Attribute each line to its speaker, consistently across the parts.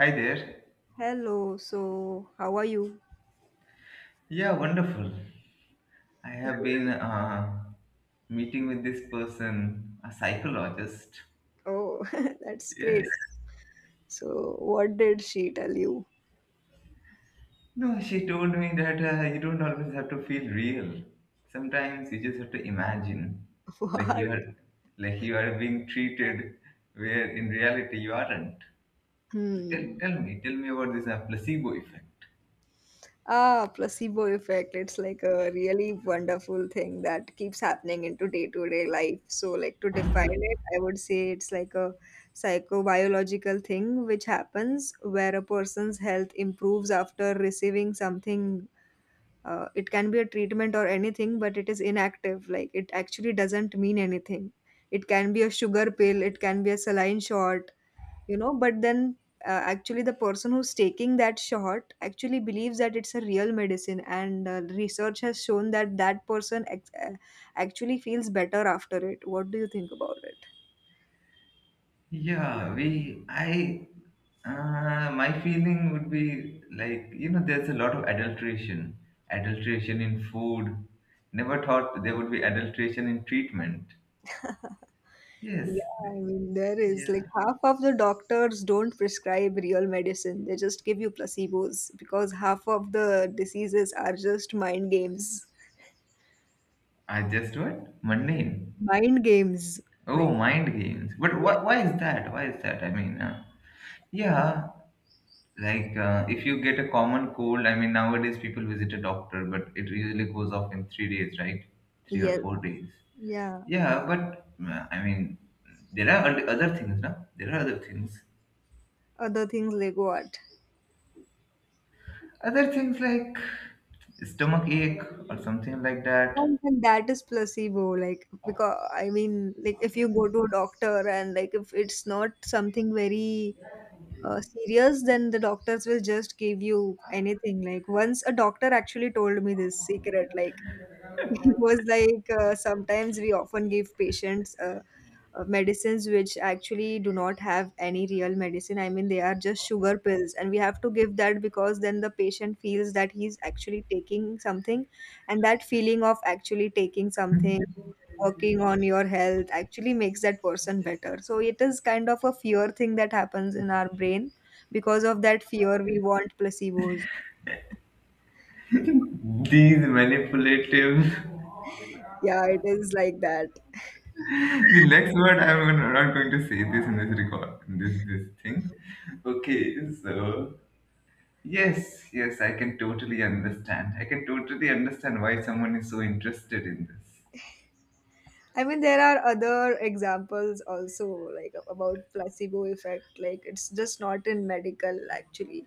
Speaker 1: Hi there.
Speaker 2: Hello, so how are you?
Speaker 1: Yeah, wonderful. I have been meeting with this person, a psychologist.
Speaker 2: Oh, that's great.
Speaker 1: Yes.
Speaker 2: So, what did she tell you?
Speaker 1: No, she told me that you don't always have to feel real. Sometimes you just have to imagine, like
Speaker 2: What?
Speaker 1: you are, like you are being treated, where in reality you aren't. So
Speaker 2: Hmm.
Speaker 1: tell me about this placebo effect.
Speaker 2: Ah, placebo effect. It's like a really wonderful thing that keeps happening into day-to-day life. So, like to define it, I would say it's like a psychobiological thing which happens where a person's health improves after receiving something. It can be a treatment or anything, but it is inactive, like it actually doesn't mean anything. It can be a sugar pill, it can be a saline shot, but then actually the person who's taking that shot actually believes that it's a real medicine. And research has shown that that person actually feels better after it. What do you think about it?
Speaker 1: Yeah, we, I, my feeling would be like, you know, there's a lot of adulteration, adulteration in food. Never thought there would be adulteration in treatment. Yes,
Speaker 2: Yeah, I mean, there is like
Speaker 1: yeah.
Speaker 2: half of the doctors don't prescribe real medicine. They just give you placebos because half of the diseases are just mind games.
Speaker 1: I just what? Mundane.
Speaker 2: Mind games.
Speaker 1: Oh,
Speaker 2: Like,
Speaker 1: mind games. But
Speaker 2: yes,
Speaker 1: why is that? Why is that? I mean, yeah, like if you get a common cold, I mean, nowadays people visit a doctor, but it usually goes off in 3 days, right? Three or
Speaker 2: yes,
Speaker 1: four days.
Speaker 2: yeah.
Speaker 1: Yeah, but I mean, there are other things, no? There are other things.
Speaker 2: Other things like what?
Speaker 1: Other things like stomach ache or something like
Speaker 2: And,
Speaker 1: that.
Speaker 2: and that is placebo. Like, because I mean, like if you go to a doctor, and like if it's not something very serious, then the doctors will just give you anything. Like once a doctor actually told me this secret, like it was like sometimes we often give patients medicines which actually do not have any real medicine. I mean they are just sugar pills, and we have to give that because then the patient feels that he's actually taking something, and that feeling of actually taking something working on your health actually makes that person better, so it is kind of a fear thing that happens in our brain. Because of that fear we want placebos.
Speaker 1: These manipulative.
Speaker 2: Yeah, it is like that.
Speaker 1: the next word I'm gonna- not going to say this in this record, in this thing. Okay, so yes, yes, I can totally understand. I can totally understand why someone is so interested in this.
Speaker 2: I mean, there are other examples also, like about placebo effect. Like it's just not in medical, actually.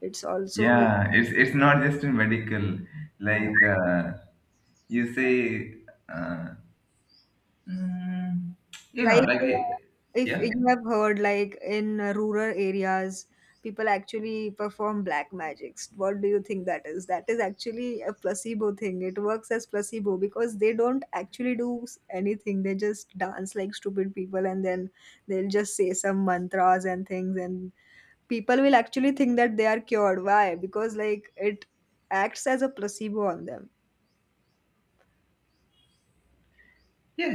Speaker 2: It's also
Speaker 1: Yeah, it's not just in medical.
Speaker 2: uh,
Speaker 1: Like you say, uh, Mm, you
Speaker 2: like
Speaker 1: know,
Speaker 2: if
Speaker 1: yeah,
Speaker 2: you have heard, like in rural areas, people actually perform black magics. What do you think that is? That is actually a placebo thing. It works as placebo because they don't actually do anything. They just dance like stupid people, and then they'll just say some mantras and things, and people will actually think that they are cured. Why? Because like it acts as a placebo on them.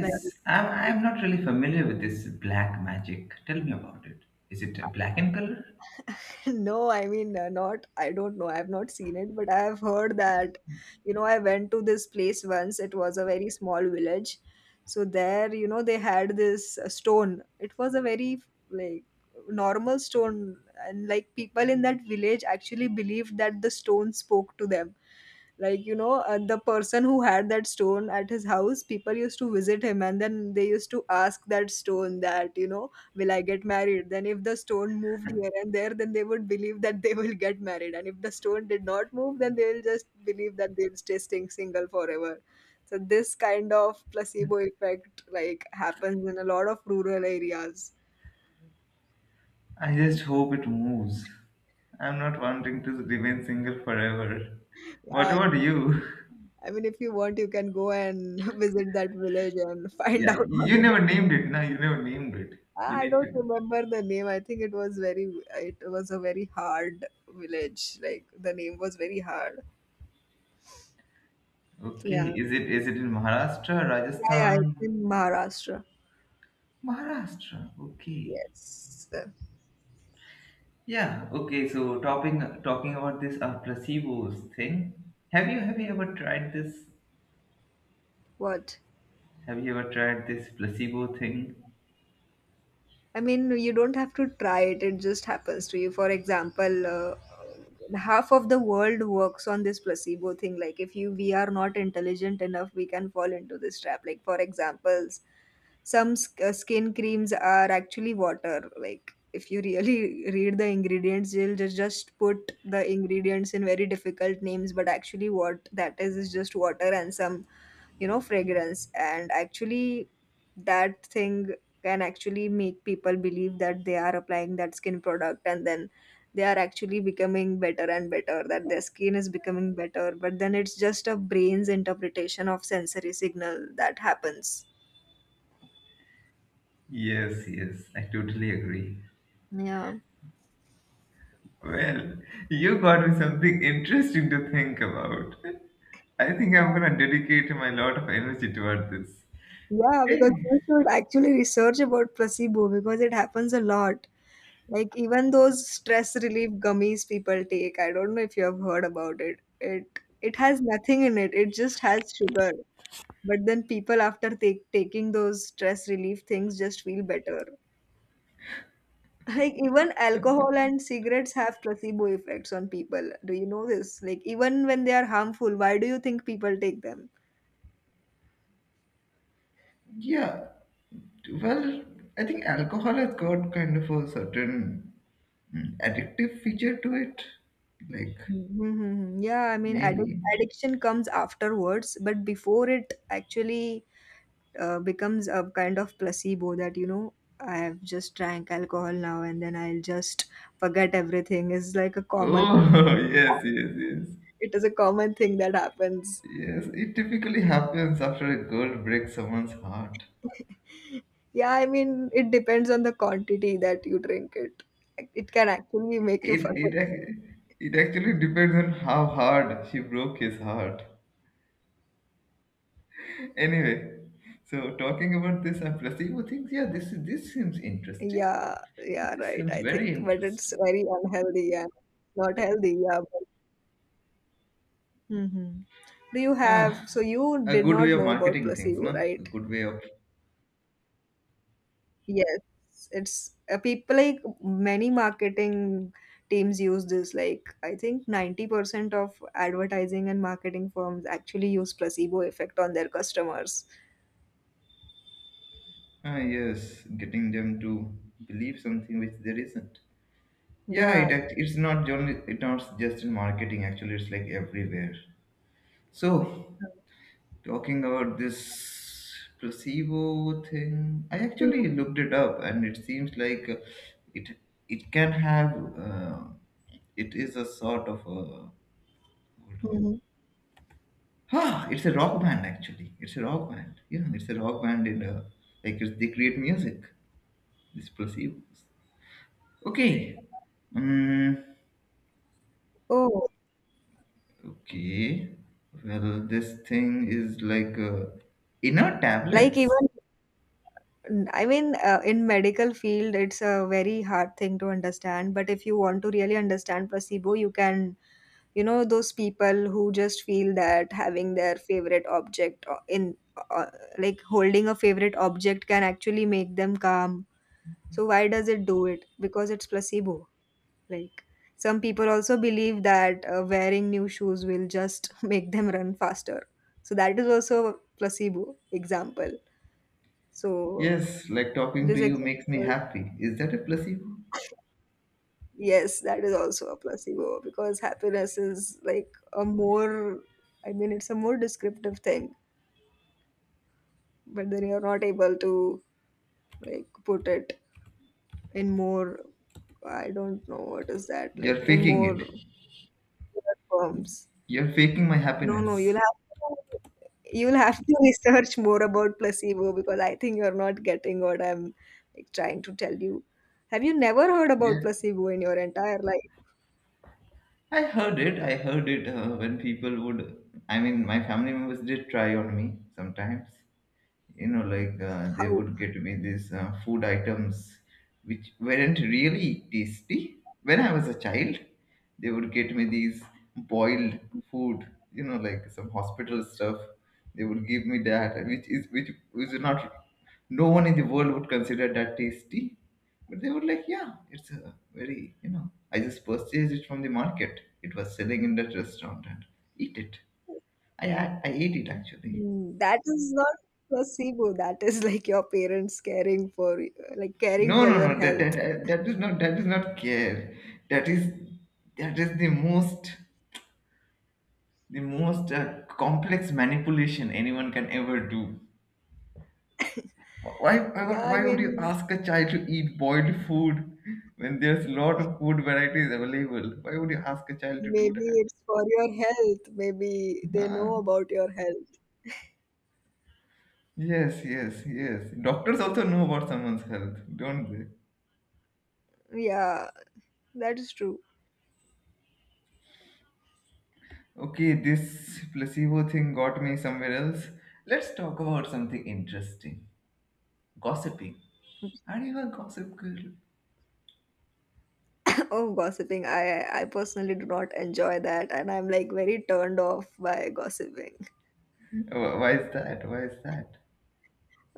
Speaker 2: Like
Speaker 1: I'm not really familiar with this black magic. Tell me about it. Is it black in color?
Speaker 2: No, I mean, not, I don't know. I've not seen it, but I've heard that, I went to this place once. It was a very small village. So there, they had this stone. It was a very, like, normal stone. And, like, people in that village actually believed that the stone spoke to them. Like, the person who had that stone at his house, people used to visit him and then they used to ask that stone that, will I get married? Then if the stone moved here and there, then they would believe that they will get married. And if the stone did not move, then they will just believe that they'll staying single forever. So this kind of placebo effect like happens in a lot of rural areas.
Speaker 1: I just hope it moves. I'm not wanting to remain single forever. What
Speaker 2: Yeah,
Speaker 1: about you?
Speaker 2: I mean, if you want, you can go and visit that village and find
Speaker 1: Yeah,
Speaker 2: out.
Speaker 1: you never named it. No, you never named it. You
Speaker 2: I
Speaker 1: need
Speaker 2: don't
Speaker 1: to.
Speaker 2: remember the name. I think it was a very hard village. Like the name was very hard. So,
Speaker 1: Okay,
Speaker 2: yeah.
Speaker 1: is it in Maharashtra,
Speaker 2: Yeah, yeah, it's
Speaker 1: Rajasthan?
Speaker 2: in Maharashtra.
Speaker 1: Maharashtra. Okay.
Speaker 2: Yes.
Speaker 1: Yeah, okay, so talking about this placebos thing. Have you ever tried this?
Speaker 2: What?
Speaker 1: Have you ever tried this placebo thing?
Speaker 2: I mean, you don't have to try it, it just happens to you. For example, half of the world works on this placebo thing. Like, if you we are not intelligent enough, we can fall into this trap. Like, for examples, some skin creams are actually water. Like, if you really read the ingredients, you'll just put the ingredients in very difficult names, but actually, what that is just water and some fragrance, and actually that thing can actually make people believe that they are applying that skin product, and then they are actually becoming better and better, that their skin is becoming better, but then it's just a brain's interpretation of sensory signal that happens.
Speaker 1: Yes, yes, I totally agree.
Speaker 2: Yeah,
Speaker 1: Well, you got me something interesting to think about. I think I'm gonna dedicate my lot of energy toward this.
Speaker 2: yeah, because
Speaker 1: Eh,
Speaker 2: you should actually research about placebo because it happens a lot. Like even those stress relief gummies people take, I don't know if you have heard about it, it has nothing in it, it just has sugar. But then people after taking those stress relief things just feel better. Like even alcohol and cigarettes have placebo effects on people. Do you know this? Like even when they are harmful, why do you think people take them?
Speaker 1: Yeah, well, I think alcohol has got kind of a certain addictive feature to it. Like,
Speaker 2: Mm-hmm. Mm-hmm. Yeah, I mean,
Speaker 1: maybe.
Speaker 2: addiction comes afterwards, but before it actually becomes a kind of placebo that, I have just drank alcohol now and then I'll just forget everything. Is like a common,
Speaker 1: Oh, yes, yes, yes.
Speaker 2: it is a common thing that happens.
Speaker 1: Yes, it typically happens after a girl breaks someone's heart.
Speaker 2: Yeah, I mean, it depends on the quantity that you drink it. It can actually make you forget.
Speaker 1: It actually depends on how hard she broke his heart. Anyway, so talking about this and placebo things, yeah, this seems interesting.
Speaker 2: Yeah, yeah,
Speaker 1: This
Speaker 2: right,
Speaker 1: seems
Speaker 2: I
Speaker 1: very
Speaker 2: think. But it's
Speaker 1: interesting.
Speaker 2: very unhealthy and not healthy. Yeah. But, hmm so
Speaker 1: Ah,
Speaker 2: you
Speaker 1: a
Speaker 2: did
Speaker 1: good way
Speaker 2: not
Speaker 1: of
Speaker 2: know about
Speaker 1: marketing things,
Speaker 2: placebo,
Speaker 1: no? A
Speaker 2: right?
Speaker 1: good way of
Speaker 2: Yes, it's people like many marketing teams use this. Like, I think 90% of advertising and marketing firms actually use placebo effect on their customers.
Speaker 1: ah, yes, getting them to believe something which there isn't. Yeah,
Speaker 2: Yeah.
Speaker 1: it's not only it's not just in marketing. Actually, it's like everywhere. So, talking about this placebo thing, I actually looked it up, and it seems like it it can have it is a sort of a hold on.
Speaker 2: Mhm.
Speaker 1: Ah, it's a rock band actually. It's a rock band. You know, it's a rock band in a like they create music. These placebos. Okay. Um,
Speaker 2: Oh,
Speaker 1: okay. Well, this thing is like inner
Speaker 2: like
Speaker 1: tablets.
Speaker 2: even I mean, in medical field it's a very hard thing to understand, but if you want to really understand placebo you can. You know those people who just feel that having their favorite object o- in uh, like holding a favorite object can actually make them calm. So why does it do it? Because it's placebo. Like some people also believe that wearing new shoes will just make them run faster. So that is also a placebo example. So
Speaker 1: Yes, like talking to
Speaker 2: this
Speaker 1: you makes me
Speaker 2: example,
Speaker 1: happy. Is that a placebo?
Speaker 2: yes, that is also a placebo because happiness is like a more, I mean, it's a more descriptive thing, but then you're not able to like put it in more, I don't know what is that, like
Speaker 1: You're
Speaker 2: in
Speaker 1: faking
Speaker 2: more
Speaker 1: it.
Speaker 2: terms.
Speaker 1: You're faking my
Speaker 2: No, no, you'll
Speaker 1: happiness.
Speaker 2: have to, you'll have to research more about placebo because I think you're not getting what I'm like trying to tell you. Have you never heard
Speaker 1: Yeah.
Speaker 2: about placebo in your entire life?
Speaker 1: I heard it. I heard it when I mean, my family members did try on me sometimes. You know like they
Speaker 2: How?
Speaker 1: would get me these food items which weren't really tasty when I was a child. They would get me these boiled food, you know, like some hospital stuff. They would give me that, and which is not, no one in the world would consider that tasty, but they were like, yeah, it's a very, you know, I just purchased it from the market. It was selling in that restaurant and eat it. I ate it actually.
Speaker 2: That is not placebo. That is like your parents caring for, like caring
Speaker 1: No,
Speaker 2: for
Speaker 1: no,
Speaker 2: your
Speaker 1: no.
Speaker 2: health.
Speaker 1: That is not, that is not care. That is that is the most the most complex manipulation anyone can ever do.
Speaker 2: Yeah, I
Speaker 1: Why would you
Speaker 2: mean,
Speaker 1: ask a child to eat boiled food when there's a lot of food varieties available? Why would you ask a child to do
Speaker 2: maybe
Speaker 1: that?
Speaker 2: it's for your health. Maybe they know
Speaker 1: Ah,
Speaker 2: about your health.
Speaker 1: yes, yes, yes. Doctors also know about someone's health, don't they?
Speaker 2: Yeah, that is true.
Speaker 1: Okay, this placebo thing got me somewhere else. Let's talk about something interesting, gossiping. Are you a gossip girl?
Speaker 2: Oh, gossiping. I personally do not enjoy that, and I'm like very turned off by gossiping
Speaker 1: Why is that? Why is that?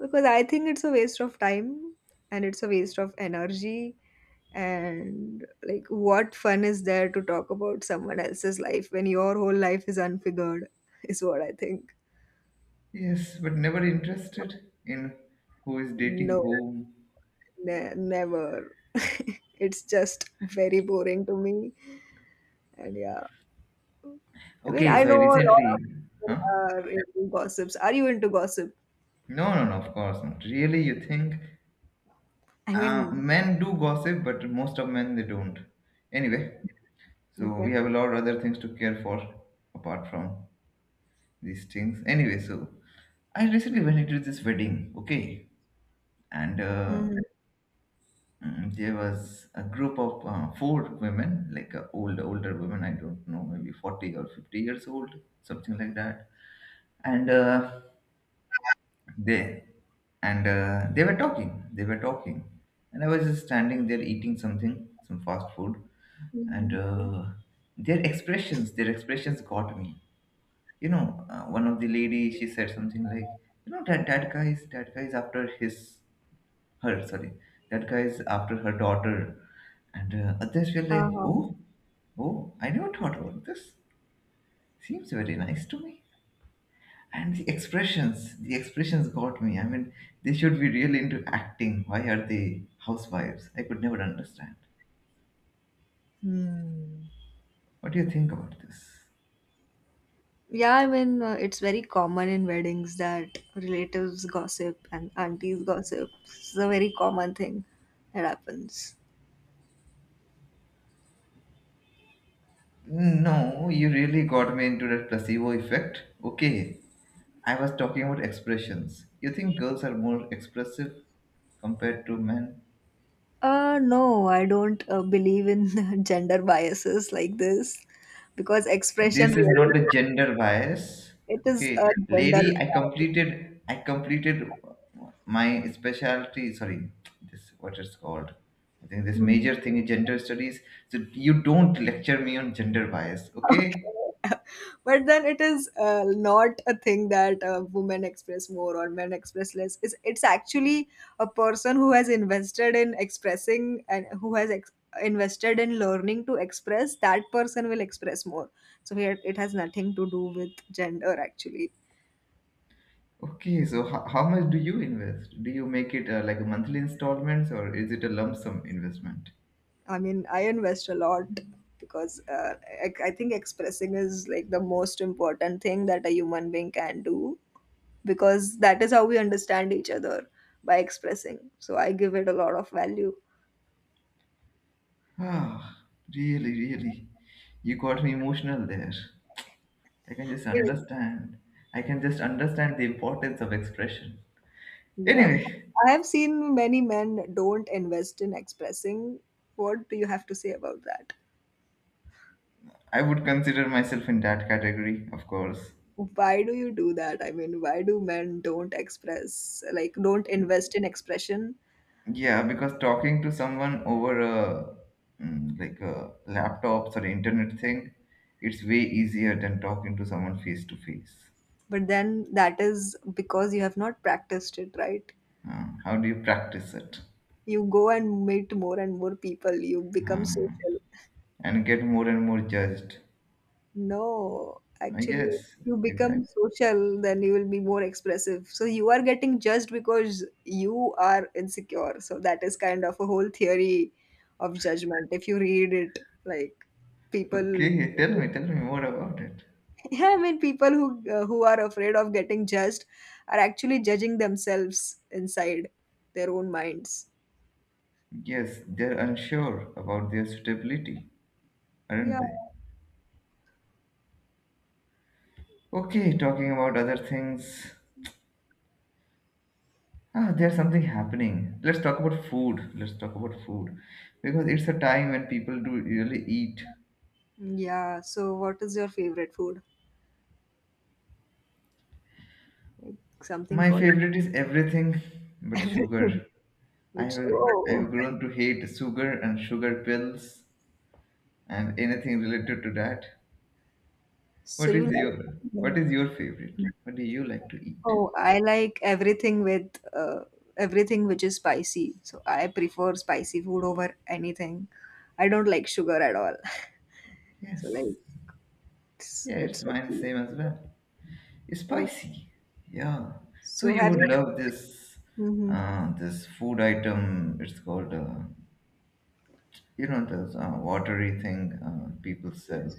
Speaker 2: because I think it's a waste of time and it's a waste of energy. And like, what fun is there to talk about someone else's life when your whole life is unfigured, is what I think.
Speaker 1: Yes, but never interested in who is dating
Speaker 2: No,
Speaker 1: whom.
Speaker 2: never. It's just very boring to me. And yeah, I mean,
Speaker 1: Okay,
Speaker 2: I
Speaker 1: so
Speaker 2: know
Speaker 1: I
Speaker 2: a lot of
Speaker 1: recently.
Speaker 2: people
Speaker 1: Huh?
Speaker 2: are into gossips. Are you into gossip?
Speaker 1: No, no, no, of course not. Really, you think
Speaker 2: I mean,
Speaker 1: men do gossip, but most of men they don't. Anyway, so
Speaker 2: okay.
Speaker 1: we have a lot of other things to care for apart from these things. Anyway, so I recently went into this wedding, okay, and
Speaker 2: Hmm.
Speaker 1: There was a group of four women, like older women. I don't know, maybe 40 or 50 years old, something like that. And they they were talking. They were talking, and I was just standing there eating something, some fast food, and their expressions got me. You know, one of the lady, she said something like, "You know, that guy is after his." Her, sorry, that guy is after her daughter. And others were like,
Speaker 2: Uh-huh.
Speaker 1: oh, oh, I never thought about this, seems very nice to me. And the expressions, the expressions got me. I mean, they should be really into acting. Why are they housewives? I could never understand.
Speaker 2: Hmm.
Speaker 1: What do you think about this?
Speaker 2: Yeah, I mean, it's very common in weddings that relatives gossip and aunties gossip. It's a very common thing that happens.
Speaker 1: No, you really got me into that placebo effect. Okay, I was talking about expressions. You think girls are more expressive compared to men?
Speaker 2: No, I don't believe in gender biases like this because expression
Speaker 1: This is
Speaker 2: really,
Speaker 1: not the gender bias.
Speaker 2: it is a
Speaker 1: Okay,
Speaker 2: gender.
Speaker 1: lady, I completed my specialty, sorry, this what it's called, I think this
Speaker 2: Mhm.
Speaker 1: major thing is gender studies. So you don't lecture me on gender bias, okay?
Speaker 2: Okay. But then it is not a thing that women express more or men express less. It's actually a person who has invested in expressing, and who has invested in learning to express, that person will express more. So here it has nothing to do with gender actually.
Speaker 1: Okay, so how much do you invest? Do you make it like a monthly installments, or is it a lump sum investment?
Speaker 2: I mean I invest a lot because I think expressing is like the most important thing that a human being can do, because that is how we understand each other, by expressing. So I give it a lot of value.
Speaker 1: Ah, really, really, you got me emotional there. I can just understand. I can just understand the importance of expression.
Speaker 2: Yeah.
Speaker 1: Anyway,
Speaker 2: I have seen many men don't invest in expressing. What do you have to say about that?
Speaker 1: I would consider myself in that category, of course.
Speaker 2: Why do you do that? I mean, why do men don't express, like, don't invest in expression?
Speaker 1: Yeah, because talking to someone over a like a laptops or internet thing, it's way easier than talking to someone face to face.
Speaker 2: But then that is because you have not practiced it, right?
Speaker 1: How do you practice it?
Speaker 2: You go and meet more and more people, you become
Speaker 1: Um,
Speaker 2: social.
Speaker 1: and get more and more judged.
Speaker 2: No, actually,
Speaker 1: Yes,
Speaker 2: you become
Speaker 1: exactly.
Speaker 2: social, then you will be more expressive. So you are getting judged because you are insecure. So that is kind of a whole theory of judgment. If you read it, like people,
Speaker 1: Okay, tell me more about it.
Speaker 2: yeah, I mean, people who are afraid of getting judged are actually judging themselves inside their own minds.
Speaker 1: Yes, they're unsure about their suitability, aren't
Speaker 2: Yeah,
Speaker 1: they? Okay, talking about other things. Ah, there's something happening. Let's talk about food. Let's talk about food. Because it's a time when people do really eat.
Speaker 2: yeah. So what is your favorite food? Like something
Speaker 1: My
Speaker 2: for
Speaker 1: favorite is everything but
Speaker 2: everything.
Speaker 1: sugar.
Speaker 2: Which,
Speaker 1: I've
Speaker 2: oh,
Speaker 1: grown to hate sugar and sugar pills and anything related to that.
Speaker 2: so
Speaker 1: What
Speaker 2: you
Speaker 1: is
Speaker 2: like.
Speaker 1: your, what is your favorite? What do you like to eat?
Speaker 2: Oh, I like everything with uh, everything which is spicy. So I prefer spicy food over anything. I don't like sugar at all. So like
Speaker 1: Yes.
Speaker 2: it's
Speaker 1: Yeah, it's
Speaker 2: it's
Speaker 1: mine same as well.
Speaker 2: oh,
Speaker 1: Spicy. Yeah. So
Speaker 2: so
Speaker 1: you
Speaker 2: have
Speaker 1: would
Speaker 2: you
Speaker 1: love this
Speaker 2: hmm
Speaker 1: this food item. It's called you know this watery thing people sell.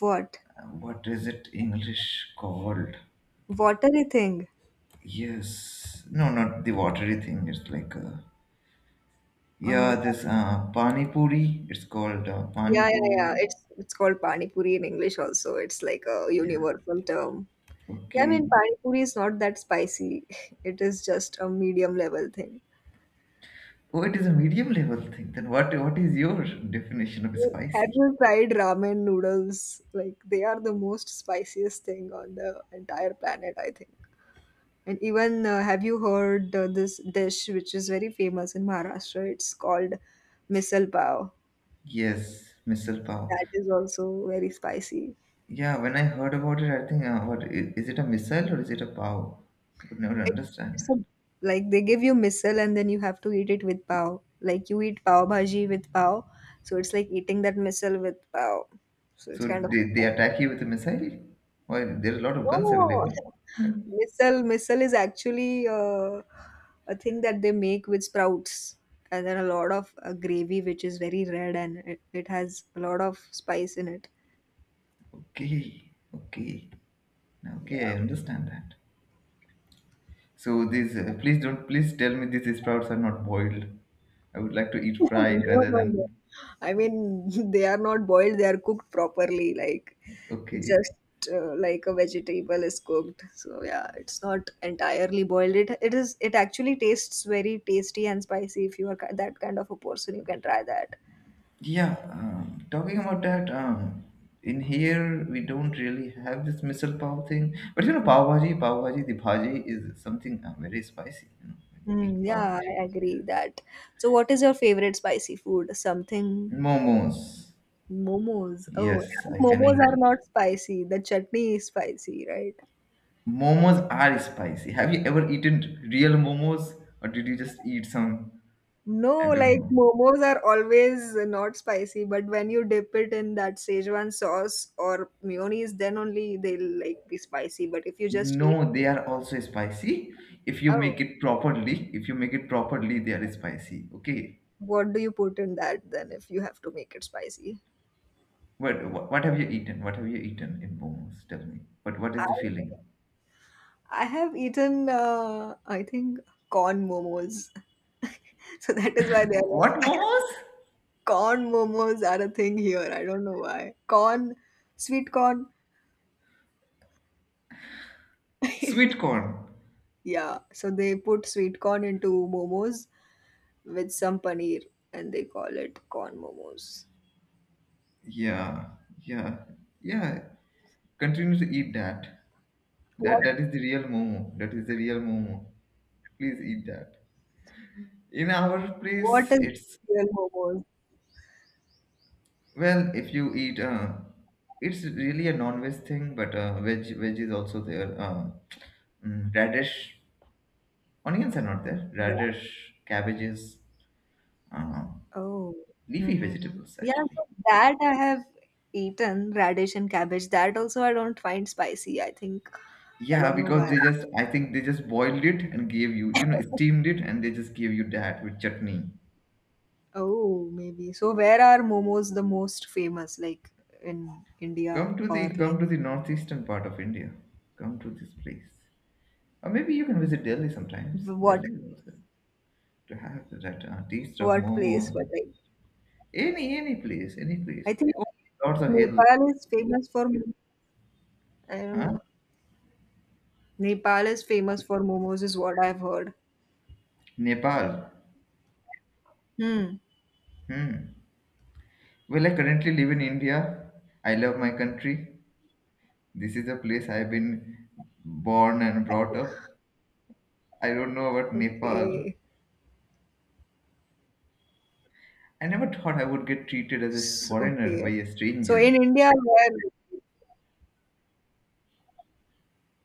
Speaker 2: what,
Speaker 1: What is it English called?
Speaker 2: watery thing?
Speaker 1: Yes. No, not the watery thing. It's like yeah,
Speaker 2: Uh-huh.
Speaker 1: this pani puri. It's called pani
Speaker 2: Yeah, yeah, yeah.
Speaker 1: puri.
Speaker 2: It's called pani puri in English also. It's like a
Speaker 1: Yeah.
Speaker 2: universal term. Yeah, I
Speaker 1: Okay.
Speaker 2: mean pani puri is not that spicy. It is just a medium level thing.
Speaker 1: Oh, it is a medium level thing. Then what? What is your definition of
Speaker 2: Have
Speaker 1: spicy?
Speaker 2: you tried ramen noodles? Like they are the most spiciest thing on the entire planet, I think. And even have you heard this dish which is very famous in Maharashtra? It's called misal pav.
Speaker 1: Yes, missile pow.
Speaker 2: That is also very spicy.
Speaker 1: Yeah, when I heard about it, I think, what is it a missile or is it a POW? I could never
Speaker 2: It's,
Speaker 1: understand
Speaker 2: it's
Speaker 1: that.
Speaker 2: a, like they give you misal and then you have to eat it with pav. Like you eat pav bhaji with pav, so it's like eating that misal with pav. So it's
Speaker 1: So
Speaker 2: kind of.
Speaker 1: they attack you with a missile? Well, there are a lot of guns
Speaker 2: No.
Speaker 1: available. Yeah.
Speaker 2: Missile is actually a thing that they make with sprouts and then a lot of gravy which is very red and it has a lot of spice in it.
Speaker 1: Okay, okay, now, okay, I
Speaker 2: Yeah.
Speaker 1: understand that. So these, please don't, please tell me these sprouts are not boiled. I would like to eat fried
Speaker 2: No,
Speaker 1: rather
Speaker 2: no, no.
Speaker 1: than,
Speaker 2: I mean, they are not boiled, they are cooked properly, like
Speaker 1: okay.
Speaker 2: just like a vegetable is cooked. So yeah, it's not entirely boiled. It actually tastes very tasty and spicy if you are that kind of a person, you can try that.
Speaker 1: Yeah, talking about that, in here we don't really have this misal pav thing. But you know, pav bhaji, the bhaji is something very spicy. You know, when you eat
Speaker 2: Mm,
Speaker 1: pav
Speaker 2: yeah,
Speaker 1: bhaji,
Speaker 2: I
Speaker 1: yeah.
Speaker 2: agree that. So, what is your favorite spicy food? Something
Speaker 1: Momos.
Speaker 2: momos. Oh,
Speaker 1: Yes,
Speaker 2: yeah,
Speaker 1: I can
Speaker 2: momos
Speaker 1: eat
Speaker 2: are
Speaker 1: it.
Speaker 2: not spicy. The chutney is spicy, right?
Speaker 1: Momos are spicy. Have you ever eaten real momos, or did you just eat some?
Speaker 2: No,
Speaker 1: I don't
Speaker 2: like
Speaker 1: know.
Speaker 2: momos are always not spicy, but when you dip it in that Szechuan sauce or mayonnaise, then only they'll like be spicy. But if you just eat,
Speaker 1: No, they are also spicy. If you
Speaker 2: oh,
Speaker 1: make it properly, if you make it properly, they are spicy. Okay.
Speaker 2: what do you put in that then if you have to make it spicy?
Speaker 1: What have you eaten? What have you eaten in momos? Tell me. What
Speaker 2: I
Speaker 1: is the feeling?
Speaker 2: I have eaten, I think, corn momos. So that is why they are not
Speaker 1: What
Speaker 2: spicy.
Speaker 1: momos?
Speaker 2: Corn momos are a thing here. I don't know why. Corn, sweet corn.
Speaker 1: Sweet corn.
Speaker 2: Yeah. So they put sweet corn into momos with some paneer and they call it corn momos.
Speaker 1: Yeah, yeah, yeah. Continue to eat that.
Speaker 2: What,
Speaker 1: That is the real momo. That is the real momo. Please eat that. In our
Speaker 2: what
Speaker 1: place,
Speaker 2: is
Speaker 1: it's
Speaker 2: real momos?
Speaker 1: well, if you eat, it's really a non-veg thing, but veg is also there. Radish, onions are not there.
Speaker 2: Ra-
Speaker 1: Radish, cabbages. Uh,
Speaker 2: Oh.
Speaker 1: leafy
Speaker 2: Mm-hmm.
Speaker 1: vegetables
Speaker 2: Yeah,
Speaker 1: actually.
Speaker 2: so that I have eaten radish and cabbage. That also I don't find spicy. I think I
Speaker 1: Yeah,
Speaker 2: don't know
Speaker 1: because
Speaker 2: why.
Speaker 1: they just I think they just boiled it and gave you, you know steamed it, and they just gave you that with chutney.
Speaker 2: Oh, maybe. So where are momos the most famous? Like in India
Speaker 1: Come to
Speaker 2: or
Speaker 1: the
Speaker 2: like
Speaker 1: northeastern part of India. Come to this place, or maybe you can visit Delhi sometimes.
Speaker 2: w- what
Speaker 1: Delhi is also to have that taste of
Speaker 2: what
Speaker 1: momo.
Speaker 2: place? But like
Speaker 1: Any place, any place.
Speaker 2: I think
Speaker 1: Oh, lots of hills.
Speaker 2: Nepal is famous for mo- I don't
Speaker 1: Huh?
Speaker 2: know. Nepal is famous for momos is what I've heard.
Speaker 1: Nepal.
Speaker 2: Hmm.
Speaker 1: Hmm. Well, I currently live in India. I love my country. This is a place I've been born and brought up. I don't know about Nepal.
Speaker 2: Okay.
Speaker 1: I never thought I would get treated as a
Speaker 2: S
Speaker 1: foreigner by
Speaker 2: okay.
Speaker 1: a
Speaker 2: So
Speaker 1: stranger.
Speaker 2: in India where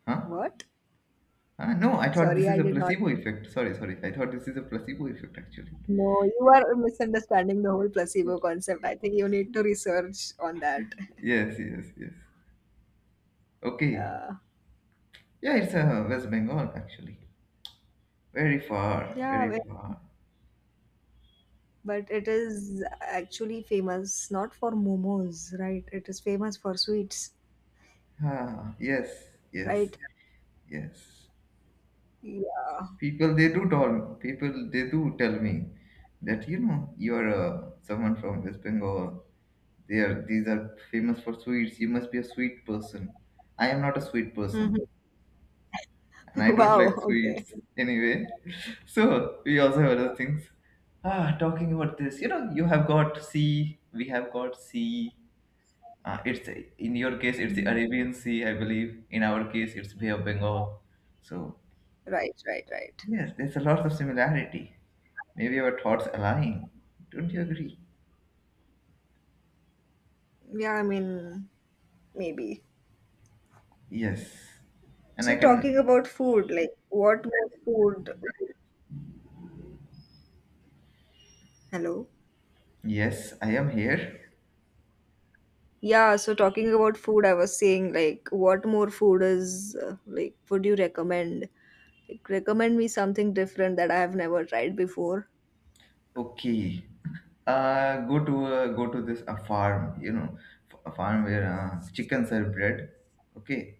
Speaker 1: Huh?
Speaker 2: what?
Speaker 1: Ah, no, I thought
Speaker 2: Sorry,
Speaker 1: this is
Speaker 2: I
Speaker 1: a
Speaker 2: did not
Speaker 1: placebo effect. Sorry, sorry. I thought this is a placebo effect actually.
Speaker 2: know. You are misunderstanding the whole placebo concept. I think you need to research on that.
Speaker 1: Yes, yes, yes. Okay.
Speaker 2: Yeah.
Speaker 1: Yeah, it's West Bengal actually. Very far,
Speaker 2: Yeah,
Speaker 1: very far.
Speaker 2: but it is actually famous not for momos, right? It is famous for sweets,
Speaker 1: Ah, yes, yes,
Speaker 2: right?
Speaker 1: yes.
Speaker 2: Yeah.
Speaker 1: People, they do tell me that, you are, someone from West Bengal. There, these are famous for sweets. You must be a sweet person. I am not a sweet person,
Speaker 2: Mhm.
Speaker 1: and I don't like
Speaker 2: Wow. Okay.
Speaker 1: sweets anyway. So we also have other things. Ah, talking about this, you know, you have got sea. We have got sea. It's, in your case, it's the
Speaker 2: Um,
Speaker 1: Arabian Sea, I believe. In our case, it's Bay of Bengal. So
Speaker 2: right, right, right.
Speaker 1: yes, there's a lot of similarity. Maybe our thoughts align. Don't you agree?
Speaker 2: Yeah, I mean, maybe.
Speaker 1: Yes. And I
Speaker 2: So, talking
Speaker 1: can,
Speaker 2: about food, like what more food? Hello?
Speaker 1: yes, I am here.
Speaker 2: Yeah, so talking about food, I was saying, like, what more food is, like, would you recommend? Like, recommend me something different that I have never tried before.
Speaker 1: Okay. Go to go to this a farm, you know, a farm where chickens are bred. Okay,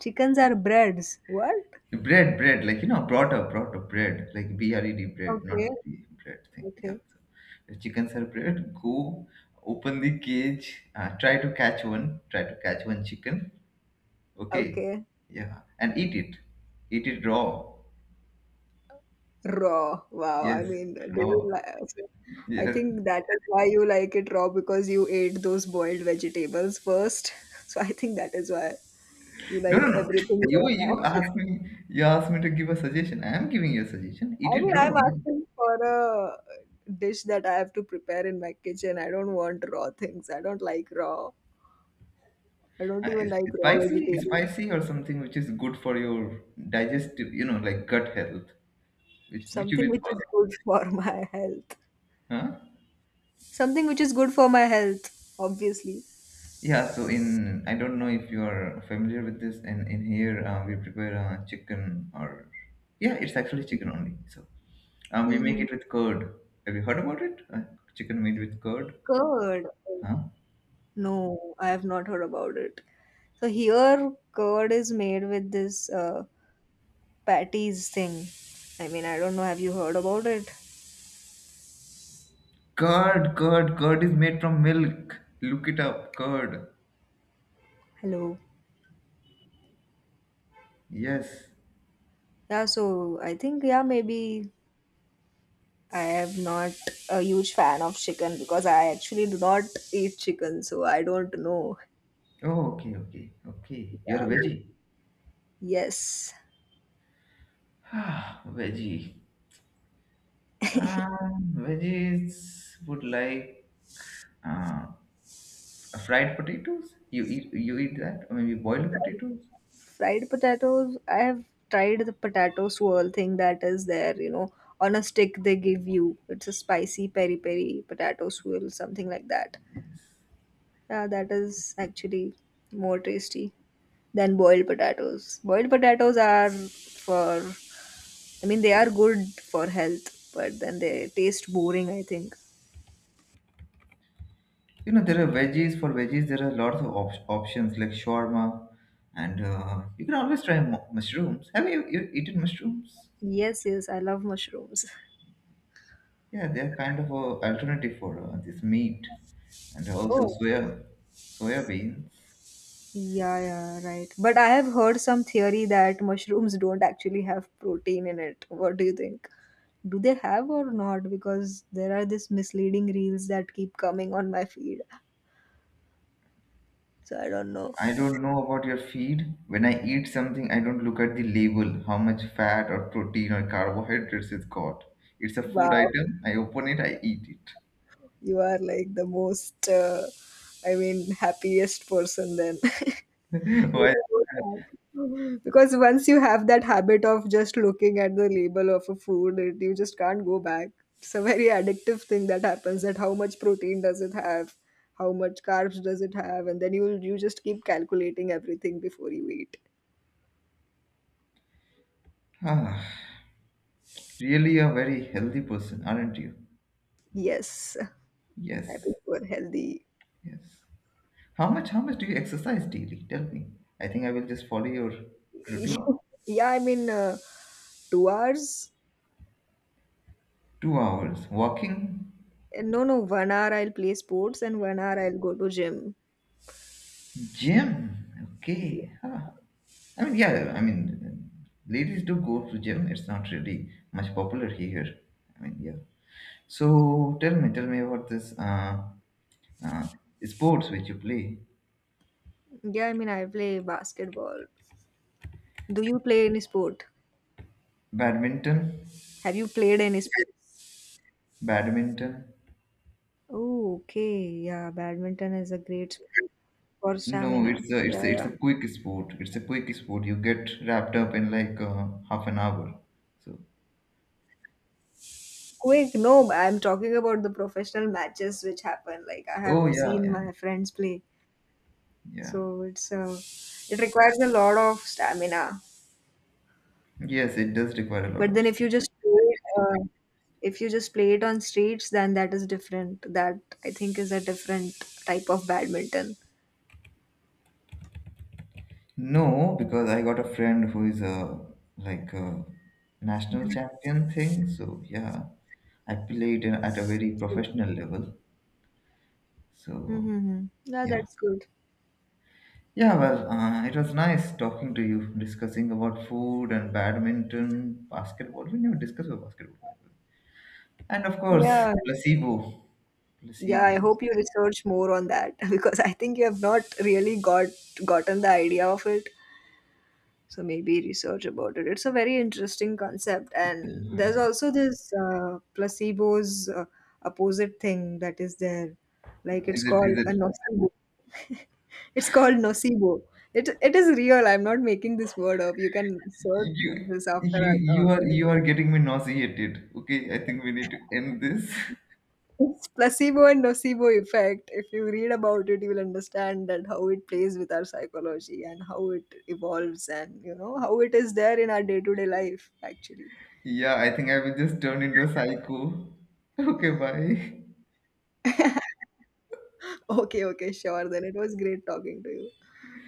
Speaker 2: Chickens are breads. What?
Speaker 1: bread, bread, like, you know, brought up, bread, like bred, bread,
Speaker 2: Okay.
Speaker 1: not the bread thing. Yeah,
Speaker 2: Okay.
Speaker 1: so the chickens are bred. Go open the cage. Try to catch one. Try to catch one chicken. Okay,
Speaker 2: Okay.
Speaker 1: yeah, and eat it. Eat it raw.
Speaker 2: Raw. Wow. I
Speaker 1: Yes,
Speaker 2: mean,
Speaker 1: raw.
Speaker 2: I
Speaker 1: Yes.
Speaker 2: think that is why you like it raw because you ate those boiled vegetables first. So I think that is why you
Speaker 1: No, no,
Speaker 2: like
Speaker 1: no.
Speaker 2: everything raw
Speaker 1: You
Speaker 2: now.
Speaker 1: asked me. You asked me to give a suggestion. I am giving you a suggestion. Eat
Speaker 2: I
Speaker 1: it
Speaker 2: mean, I'm
Speaker 1: raw.
Speaker 2: asking for a dish that I have to prepare in my kitchen. I don't want raw things. I don't like raw. I don't even like raw
Speaker 1: Spicy,
Speaker 2: vegetables.
Speaker 1: spicy or something which is good for your digestive, you know, like gut health, which you
Speaker 2: Something
Speaker 1: will
Speaker 2: which
Speaker 1: all,
Speaker 2: is good for my health.
Speaker 1: huh?
Speaker 2: Something which is good for my health, obviously.
Speaker 1: Yeah, so in, I don't know if you are familiar with this, in here, we prepare chicken, or yeah, it's actually chicken only. So we make
Speaker 2: Mm-hmm.
Speaker 1: it with curd. Have you heard about it? Chicken made with curd.
Speaker 2: Curd.
Speaker 1: Huh?
Speaker 2: No, I have not heard about it. So here, curd is made with this patties thing. I mean, I don't know. Have you heard about it?
Speaker 1: Curd. Curd is made from milk. Look it up, curd.
Speaker 2: Hello.
Speaker 1: Yes.
Speaker 2: Yeah. So I think yeah, maybe I am not a huge fan of chicken because I actually do not eat chicken, so I don't know.
Speaker 1: Oh, okay, okay. Okay, you're
Speaker 2: Yeah.
Speaker 1: a veggie.
Speaker 2: Yes,
Speaker 1: Ah, veggie. Veggies would like uh, fried potatoes. You eat that, or maybe boiled potatoes.
Speaker 2: fried potatoes. I have tried the potato swirl thing that is there. You know, on a stick they give you. It's a spicy peri peri potato swirl, something like that. Yeah, that is actually more tasty than boiled potatoes. Boiled potatoes are for, I mean, they are good for health, but then they taste boring, I think.
Speaker 1: You know, there are veggies for veggies. There are lots of options like shawarma, and you can always try mushrooms. Have you eaten mushrooms?
Speaker 2: Yes, yes, I love mushrooms.
Speaker 1: Yeah, they are kind of a alternative for this meat, and also
Speaker 2: Oh.
Speaker 1: soya soya beans.
Speaker 2: Yeah, yeah, right. But I have heard some theory that mushrooms don't actually have protein in it. What do you think? Do they have or not? Because there are these misleading reels that keep coming on my feed. So I don't know.
Speaker 1: I don't know about your feed. When I eat something, I don't look at the label, how much fat or protein or carbohydrates it's got. It's a food
Speaker 2: Wow.
Speaker 1: item. I open it, I eat
Speaker 2: You are like the most, I mean, happiest person then.
Speaker 1: it. Why?
Speaker 2: because once you have that habit of just looking at the label of a food, it, you just can't go back. It's a very addictive thing that happens. That how much protein does it have, how much carbs does it have, and then you just keep calculating everything before you eat.
Speaker 1: Ah, really a very healthy person, aren't you?
Speaker 2: Yes, I
Speaker 1: Yes,
Speaker 2: prefer healthy.
Speaker 1: yes. How much do you exercise daily? Tell me. I think I will just follow your routine.
Speaker 2: Yeah, I mean, 2 hours.
Speaker 1: 2 hours walking.
Speaker 2: No, no, 1 hour I'll play sports and 1 hour I'll go to gym.
Speaker 1: Gym. Okay. Huh. I mean, yeah. I mean, ladies do go to gym. It's not really much popular here. I mean, yeah. So tell me about this uh, sports which you play.
Speaker 2: Yeah, I mean, I play basketball. Do you play any sport?
Speaker 1: Badminton.
Speaker 2: Have you played any sport?
Speaker 1: Badminton.
Speaker 2: Oh, okay. Yeah, badminton is a great sport for
Speaker 1: No,
Speaker 2: stamina.
Speaker 1: it's a it's
Speaker 2: Yeah,
Speaker 1: a, it's
Speaker 2: yeah.
Speaker 1: a quick sport. It's a quick sport. You get wrapped up in like half an hour. So.
Speaker 2: Quick, no, I'm talking about the professional matches which happen. Like, I
Speaker 1: Oh
Speaker 2: have
Speaker 1: yeah,
Speaker 2: seen
Speaker 1: yeah,
Speaker 2: my friends play.
Speaker 1: yeah.
Speaker 2: So it's it requires a lot of stamina.
Speaker 1: Yes, it does require a lot
Speaker 2: But
Speaker 1: of
Speaker 2: then if you
Speaker 1: stuff.
Speaker 2: just play, if you just play it on streets, then that is different. That I think is a different type of badminton.
Speaker 1: No, because I got a friend who is a, like a national champion thing. So yeah, I played at a very professional level. So
Speaker 2: Mm-hmm. Yeah,
Speaker 1: yeah,
Speaker 2: that's good.
Speaker 1: yeah. Well, it was nice talking to you, discussing about food and badminton, basketball. We never discussed about basketball, by the way. And of course,
Speaker 2: Yeah.
Speaker 1: placebo.
Speaker 2: Yeah, I
Speaker 1: Placebo.
Speaker 2: hope you research more on that because I think you have not really gotten the idea of it. So maybe research about it. It's a very interesting concept, and there's also this placebo's opposite thing that is there. Like it's
Speaker 1: Is it?
Speaker 2: called
Speaker 1: Is it?
Speaker 2: a nocebo. it's called nocebo. It is real. I'm not making this word up. You can search
Speaker 1: You,
Speaker 2: this after our talk.
Speaker 1: you are getting me nauseated. Okay, I think we need to end this.
Speaker 2: It's placebo and nocebo effect. If you read about it, you'll understand that how it plays with our psychology and how it evolves and you know how it is there in our day-to-day life actually.
Speaker 1: Yeah, I think I will just turn into a psycho. Okay, bye.
Speaker 2: Okay, okay, sure. Then it was great talking to you.